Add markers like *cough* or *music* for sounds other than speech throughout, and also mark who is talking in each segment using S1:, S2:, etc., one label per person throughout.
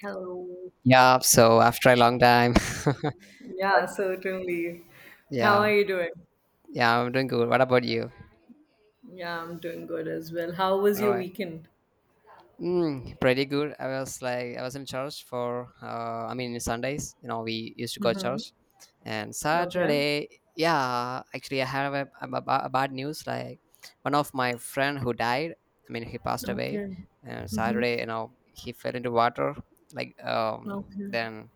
S1: Hello.
S2: Yeah, so after a long time. *laughs*
S1: Yeah, certainly. How
S2: yeah,
S1: are you doing?
S2: yeah, I'm doing good. What about you?
S1: Yeah, I'm doing good as well. How was
S2: All
S1: your
S2: right.
S1: weekend?
S2: Mm, pretty good. I was in church for, I mean, Sundays, we used to go to
S1: Mm-hmm.
S2: church. And
S1: Okay.
S2: Saturday, yeah, actually, I have a bad news. Like, one of my friend who died, I mean, he passed away.
S1: Okay.
S2: And Saturday, he fell into water. Like,
S1: Okay.
S2: then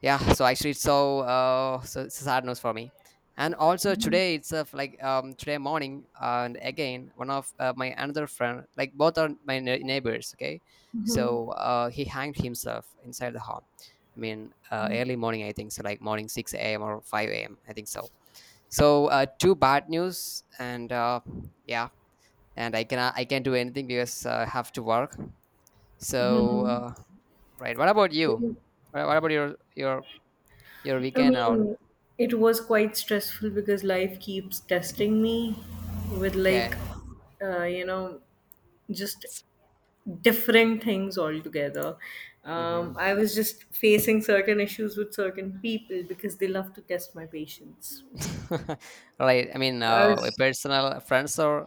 S2: yeah, so actually it's so so it's a sad news for me. And also today itself, like today morning, and again one of my another friend. Like, both are my neighbors. Okay, so he hanged himself inside the home. I mean, early morning, I think so, like morning 6 a.m or 5 a.m, I think so. So two bad news. And yeah, and I can't do anything because I have to work. So right, what about you? What about your your
S1: I
S2: weekend or
S1: mean, it was quite stressful because life keeps testing me with
S2: Okay.
S1: uh, you know, just different things altogether.
S2: Mm-hmm.
S1: I was just facing certain issues with certain people because they love to test my patience.
S2: *laughs* right. I mean,
S1: I
S2: a
S1: was
S2: personal friends or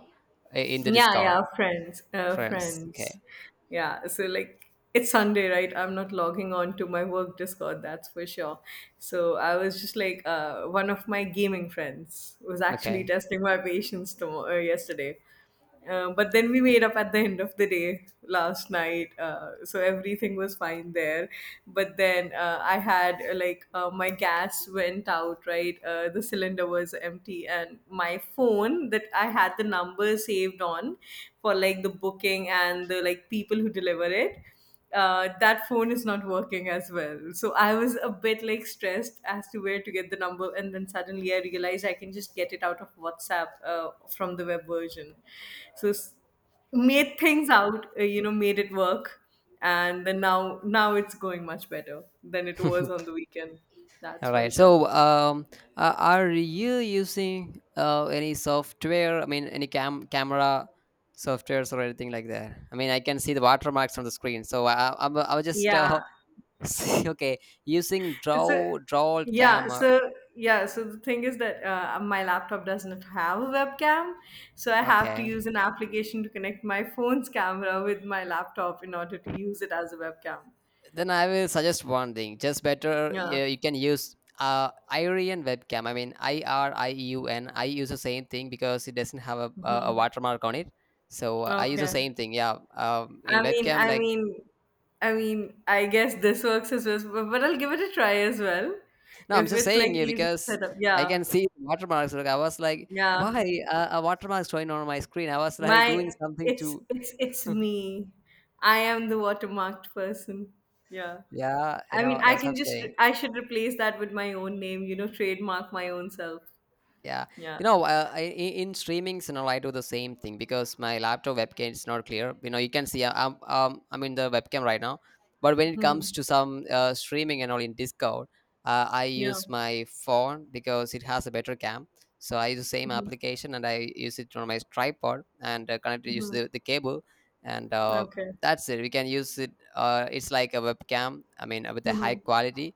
S2: in the
S1: Yeah,
S2: Discord
S1: yeah, friends,
S2: friends.
S1: friends.
S2: Okay.
S1: Yeah, so like it's Sunday, right? I'm not logging on to my work Discord, that's for sure. So I was just like, one of my gaming friends was actually
S2: Okay.
S1: testing my patience tomorrow, yesterday. But then we made up at the end of the day last night, so everything was fine there. But then I had my gas went out, right? The cylinder was empty, and my phone that I had the number saved on for like the booking and the like people who deliver it. That phone is not working as well. So I was a bit like stressed as to where to get the number, and then suddenly I realized I can just get it out of WhatsApp from the web version. So s- Made things out, made it work, and then now it's going much better than it was on the weekend. That's
S2: All
S1: for
S2: right.
S1: sure.
S2: So, are you using any software? I mean, any camera softwares or anything like that? I mean, I can see the watermarks on the screen. So I was just
S1: Yeah.
S2: *laughs* see, okay, using
S1: So,
S2: draw
S1: yeah,
S2: cam.
S1: so yeah, so the thing is that my laptop doesn't have a webcam, so I have to
S2: Okay.
S1: use an application to connect my phone's camera with my laptop in order to use it as a webcam.
S2: Then I will suggest one thing. Just better,
S1: Yeah.
S2: yeah, you can use Irian webcam. I mean, IRIEUN. I use the same thing because it doesn't have a
S1: Hmm.
S2: watermark on it. So I use the
S1: Okay.
S2: same thing. Yeah, in
S1: I mean,
S2: webcam,
S1: I
S2: like
S1: mean, I guess this works as well, but I'll give it a try as well.
S2: no, I'm
S1: If
S2: just
S1: it's like
S2: saying, yeah,
S1: easy to
S2: because
S1: set up.
S2: I
S1: Yeah.
S2: can see watermarks. Like I was like,
S1: Yeah.
S2: why a watermark showing on my screen? I was like
S1: My
S2: doing something
S1: it's
S2: to
S1: it's it's me. I am the watermarked person. Yeah.
S2: yeah, you
S1: I mean,
S2: know, that's what I'm saying.
S1: I should replace that with my own name, you know, trademark my own self.
S2: Yeah,
S1: Yeah.
S2: you know,
S1: *laughs*
S2: in streamings, you know, I do the same thing because my laptop webcam is not clear. You know, you can see I'm in the webcam right now, but when it comes
S1: Mhm.
S2: to some streaming and all in Discord, I
S1: Yeah.
S2: use my phone because it has a better cam. So I use the same
S1: Mhm.
S2: application, and I use it on my tripod, and connect to use
S1: Mhm.
S2: the cable, and
S1: Okay.
S2: that's it. We can use it. It's like a webcam. I mean, with a high
S1: Mhm.
S2: quality,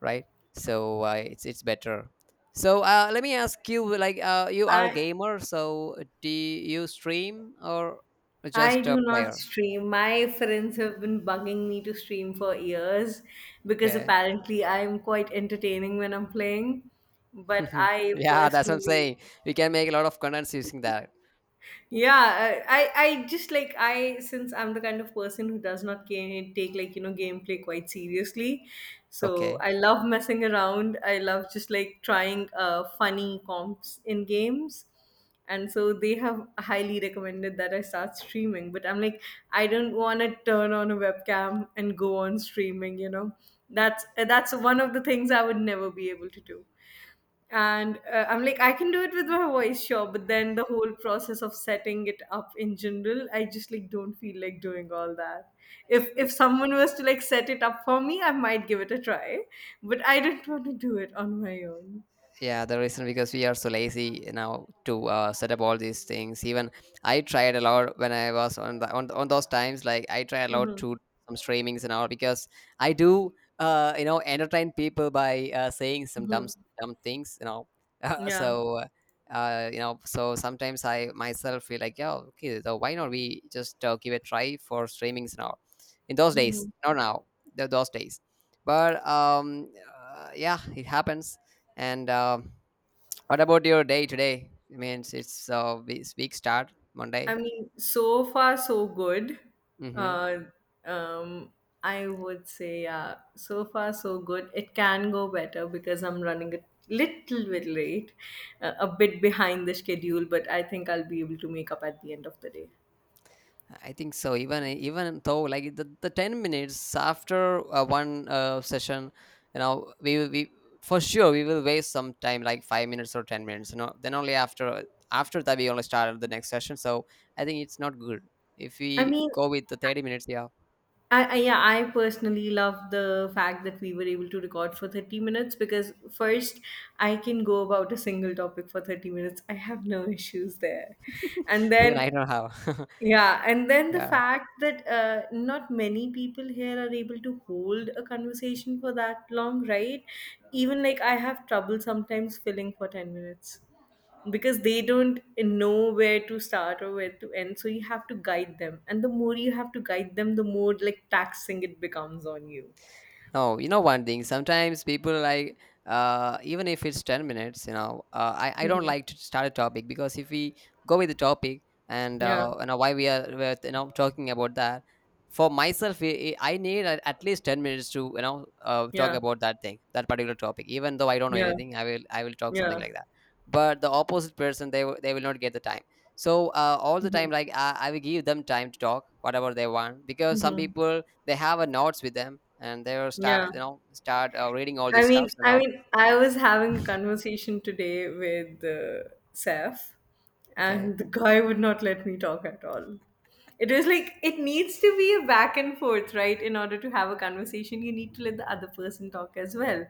S2: right? So it's better. So let me ask you, like you are a
S1: I
S2: gamer, so do you stream or
S1: I
S2: just a
S1: do not
S2: player?
S1: stream. My friends have been bugging me to stream for years because
S2: Okay.
S1: apparently I'm quite entertaining when I'm playing. But
S2: *laughs*
S1: I
S2: yeah, that's what I'm
S1: personally,
S2: saying. We can make a lot of contents using that.
S1: I just like I since I'm the kind of person who does not take like you know gameplay quite seriously, so
S2: Okay.
S1: I love messing around, I love just like trying funny comps in games, and so they have highly recommended that I start streaming, but I'm like I don't want to turn on a webcam and go on streaming, you know. That's that's one of the things I would never be able to do. And I'm like I can do it with my voice, sure, but then the whole process of setting it up in general I just like don't feel like doing all that. If someone was to like set it up for me I might give it a try, but I didn't want to *laughs* do it on my own.
S2: Yeah, the reason because we are so lazy now to set up all these things. Even I tried a lot when I was on on those times. Like, I try a lot
S1: Mhm.
S2: to some streamings and all, because I do you know, entertain people by saying some
S1: Mhm.
S2: dumb things, you know. *laughs* Uh,
S1: Yeah.
S2: so you know, so sometimes I myself feel like, yeah, okay, so why not we just give a try for streamings and all. In those days,
S1: *laughs*
S2: not now. Those days. But yeah, it happens. And what about your day today? I mean, it's week start
S1: I
S2: Monday.
S1: mean, so far so good.
S2: Mm-hmm.
S1: Uh, um, I would say, yeah, so far so good. It can go better because I'm running a little bit late, a bit behind the schedule, but I think I'll be able to make up at the end of the day.
S2: I think so. Even even though, like, the 10 minutes after one session, you know, we will we for sure we will waste some time, like 5 minutes or 10 minutes. You know, then only after after that we only start the next session. So I think it's not good if
S1: I
S2: we
S1: mean,
S2: go with the 30 minutes. Yeah,
S1: I yeah, I personally love the fact that we were able to record for 30 minutes because first I can go about a single topic for 30 minutes. I have no *laughs* issues there.
S2: *laughs*
S1: And
S2: even
S1: then
S2: I don't know how.
S1: yeah, and then
S2: *laughs*
S1: the
S2: yeah.
S1: fact that not many people here are able to hold a conversation for that long, right? Even like I have trouble sometimes filling for 10 minutes because they don't know where to start or where to end. So you have to guide them. And the more you have to guide them, the more like taxing it becomes on you.
S2: No, you know one thing. Sometimes people like even if it's 10 minutes, you know, I don't
S1: Hmm.
S2: like to start a topic, because if we go with the topic and
S1: Yeah,
S2: you know, why we are you know, talking about that. For myself, I need at least 10 minutes to, you know, talk
S1: yeah,
S2: about that thing, that particular topic. Even though I don't know
S1: yeah,
S2: anything, I will talk something
S1: yeah.
S2: like that. But the opposite person, they will not get the time. So all the
S1: Hmm.
S2: time, like I will give them time to talk whatever they want, because some
S1: Hmm.
S2: people they have a notes with them, and they will
S1: Yeah.
S2: start, you know, start reading all these
S1: I mean,
S2: stuffs and now
S1: I was having a conversation today with Seth,
S2: okay.
S1: and the guy would not let me talk at all. It was like it needs to be a back and forth, right? In order to have a conversation, you need to let the other person talk as well.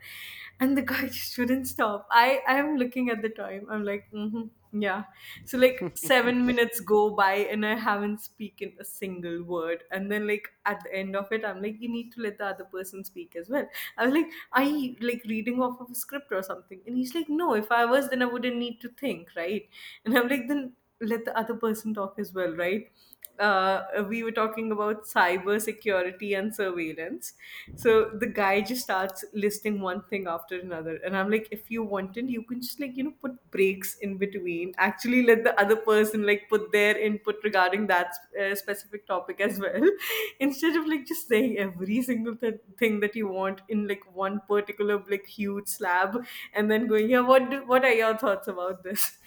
S1: And the guy *laughs* just wouldn't stop. I am looking at the time. I'm like, mm-hmm. Yeah. So like
S2: *laughs*
S1: 7 minutes go by and I haven't spoken a single word. And then like at the end of it, I'm like, you need to let the other person speak as well. I was like, are you like reading off of a script or something? And he's like, no, if I was then I wouldn't need to think, right? And I'm like, then let the other person talk as well, right? Uh, we were talking about cyber security and surveillance. So the guy just starts listing one thing after another, and I'm like, if you wanted, you can just like you know put breaks in between. Actually, let the other person like put their input regarding that specific topic as well, *laughs* instead of like just saying every single thing that you want in like one particular like huge slab, and then going, yeah, what are your thoughts about this?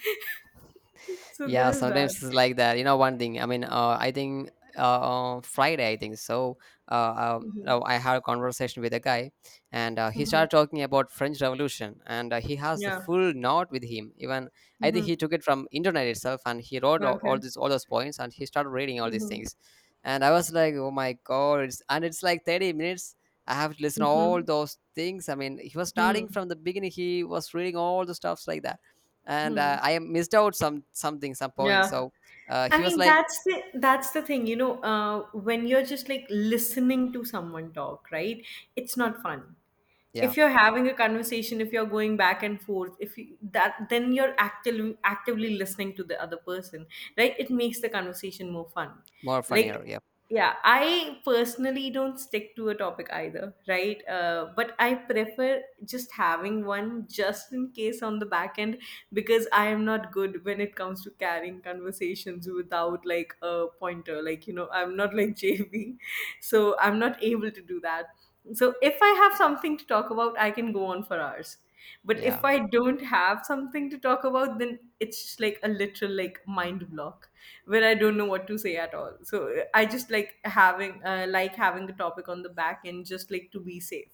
S1: *laughs* So
S2: Yeah,
S1: there's that.
S2: sometimes it's like that. You know, one thing. I mean, I think on Friday, I think so.
S1: Mhm.
S2: No, I had a conversation with a guy, and he
S1: Mhm.
S2: started talking about French Revolution, and he has the
S1: Yeah.
S2: full note with him. Even I think
S1: Mhm.
S2: he took it from internet itself, and he wrote all
S1: Okay.
S2: these all those points, and he started reading all these
S1: Mhm.
S2: things, and I was like, oh my god! And it's like 30 minutes. I have to listen all
S1: Mhm.
S2: those things. I mean, he was
S1: Mhm.
S2: starting from the beginning. He was reading all the stuffs like that, and
S1: Mhm.
S2: I missed out some points.
S1: Yeah.
S2: So
S1: I
S2: he was
S1: mean,
S2: like,
S1: that's the thing, you know, when you're just like listening to someone talk, right? It's not fun.
S2: yeah,
S1: If you're having a conversation, if you're going back and forth, if you, that, then you're actively listening to the other person, right, it makes the conversation more fun.
S2: more
S1: Like
S2: funnier. Yeah,
S1: yeah, I personally don't stick to a topic either, right? But I prefer just having one, just in case on the back end, because I am not good when it comes to carrying conversations without like a pointer, like you know, I'm not like *laughs* JV, so I'm not able to do that. So if I have something to talk about, I can go on for hours. But
S2: yeah.
S1: if I don't have something to talk about, then it's just like a literal like mind block where I don't know what to say at all. So I just like having a topic on the back end, just like to be safe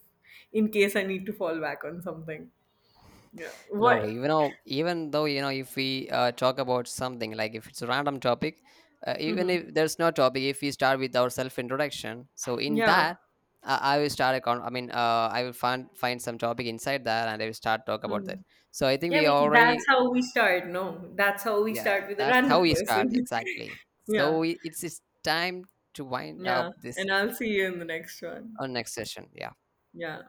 S1: in case I need to fall back on something. Yeah.
S2: No,
S1: What?
S2: even though even though, you know, if we talk about something, like if it's a random topic, even
S1: Mhm.
S2: if there's no topic, if we start with our self introduction, so in
S1: Yeah.
S2: that. I will start a I mean, I will find some topic inside that, and I will start talk about that.
S1: Mhm.
S2: So I think
S1: Yeah, I
S2: we
S1: mean that's
S2: already,
S1: how we start. No, that's how we
S2: yeah,
S1: start with a
S2: that's how
S1: random
S2: we start
S1: person.
S2: exactly.
S1: *laughs* Yeah.
S2: So it's time to wind
S1: Yeah.
S2: up this
S1: And I'll see you in the next one.
S2: on next session. Yeah.
S1: Yeah.